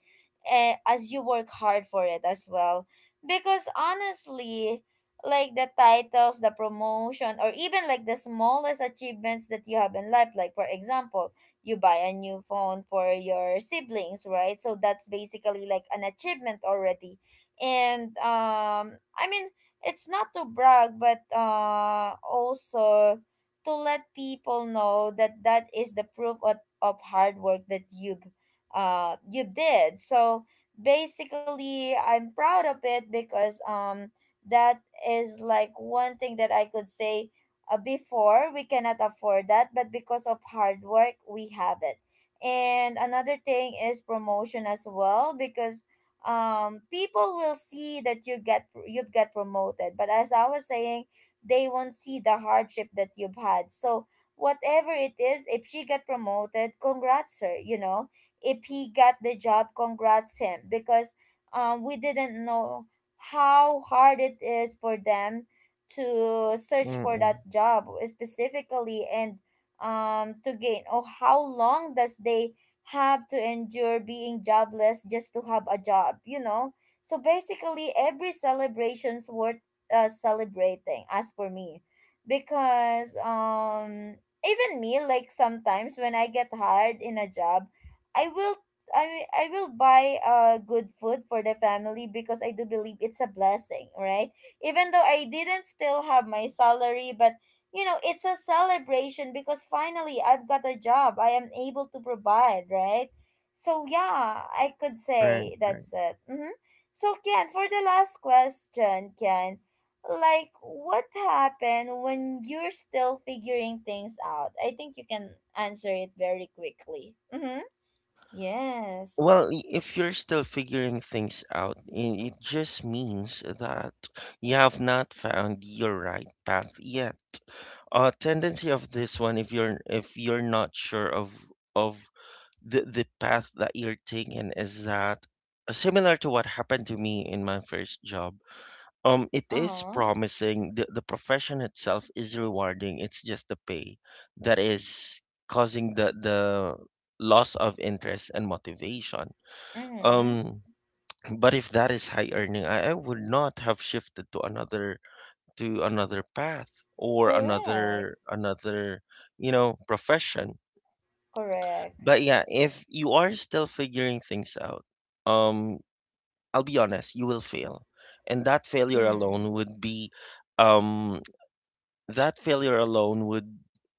as you work hard for it as well. Because honestly, like the titles, the promotion, or even like the smallest achievements that you have in life, like for example, you buy a new phone for your siblings, right? So that's basically like an achievement already. And I mean, it's not to brag but also to let people know that that is the proof of hard work that you've you did. So basically, I'm proud of it because that is like one thing that I could say, before we cannot afford that, but because of hard work we have it. And another thing is promotion as well because people will see that you've get promoted, but as I was saying, they won't see the hardship that you've had. So whatever it is, if she got promoted, congrats her, you know. If he got the job, congrats him because we didn't know how hard it is for them to search for that Mm-mm. job specifically, and to gain, or how long does they have to endure being jobless just to have a job, you know? So basically every celebration's worth celebrating, as for me, because even me, like sometimes when I get hired in a job, i will I, I will buy good food for the family because I do believe it's a blessing, right? Even though I didn't still have my salary, but you know, it's a celebration because finally I've got a job. I am able to provide, right? So, yeah, I could Right, say right. that's it. Mm-hmm. So, Ken, for the last question, Ken, like what happened when you're still figuring things out? I think you can answer it very quickly. Mm-hmm. Yes. Well, if you're still figuring things out, it just means that you have not found your right path yet. Uh, tendency of this one, if you're not sure of of the path that you're taking, is that similar to what happened to me in my first job. Um, it is Uh-huh. promising, the profession itself is rewarding, it's just the pay that is causing the loss of interest and motivation. Mm-hmm. Um, but if that is high earning, I would not have shifted to another, to another path or Correct. another you know, profession. Correct. But yeah, if you are still figuring things out, um, I'll be honest, you will fail, and that failure Mm. alone would be um, that failure alone would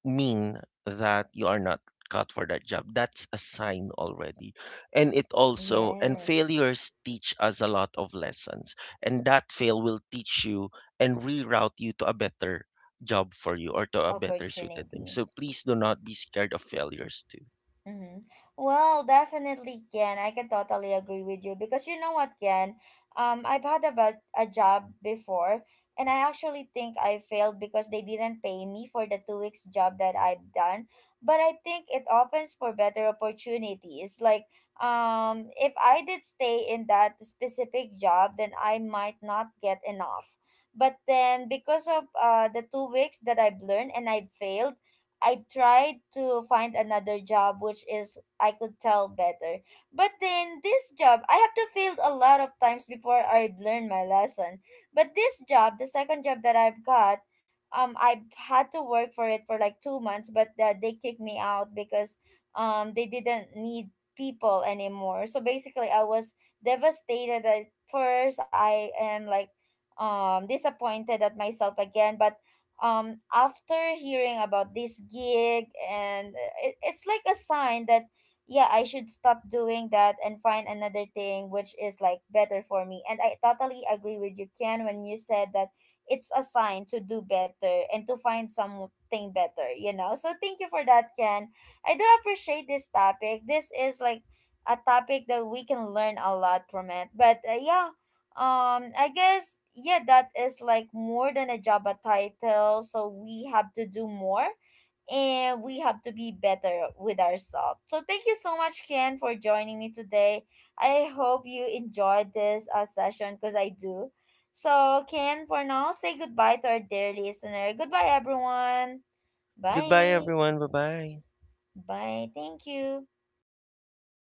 mean that you are not cut for that job. That's a sign already. And it also, and Yes. failures teach us a lot of lessons. And that fail will teach you and reroute you to a better job for you, or to a better suited thing. Opportunity. So please do not be scared of failures too. Mm-hmm. Well, definitely, Ken. I can totally agree with you because you know what, Ken? I've had a job before, and I actually think I failed because they didn't pay me for the 2 weeks job that I've done. But I think it opens for better opportunities. Like, if I did stay in that specific job, then I might not get enough. But then, because of the 2 weeks that I've learned and I failed, I tried to find another job which is I could tell better. But then this job I have to fail a lot of times before I learn my lesson. But this job, the second job that I've got, I had to work for it for like 2 months, but they kicked me out because they didn't need people anymore. So basically I was devastated at first. I am like disappointed at myself again, but after hearing about this gig and it's like a sign that yeah, I should stop doing that and find another thing which is like better for me. And I totally agree with you, Ken, when you said that it's a sign to do better and to find something better, you know? So thank you for that, Ken. I do appreciate this topic. This is like a topic that we can learn a lot from it, but yeah, I guess yeah, that is like more than a job a title. So we have to do more and we have to be better with ourselves. So thank you so much, Ken, for joining me today. I hope you enjoyed this session because I do. So Ken, for now, say goodbye to our dear listener. Goodbye, everyone. Goodbye, Bye. everyone. Bye bye. Bye. Thank you.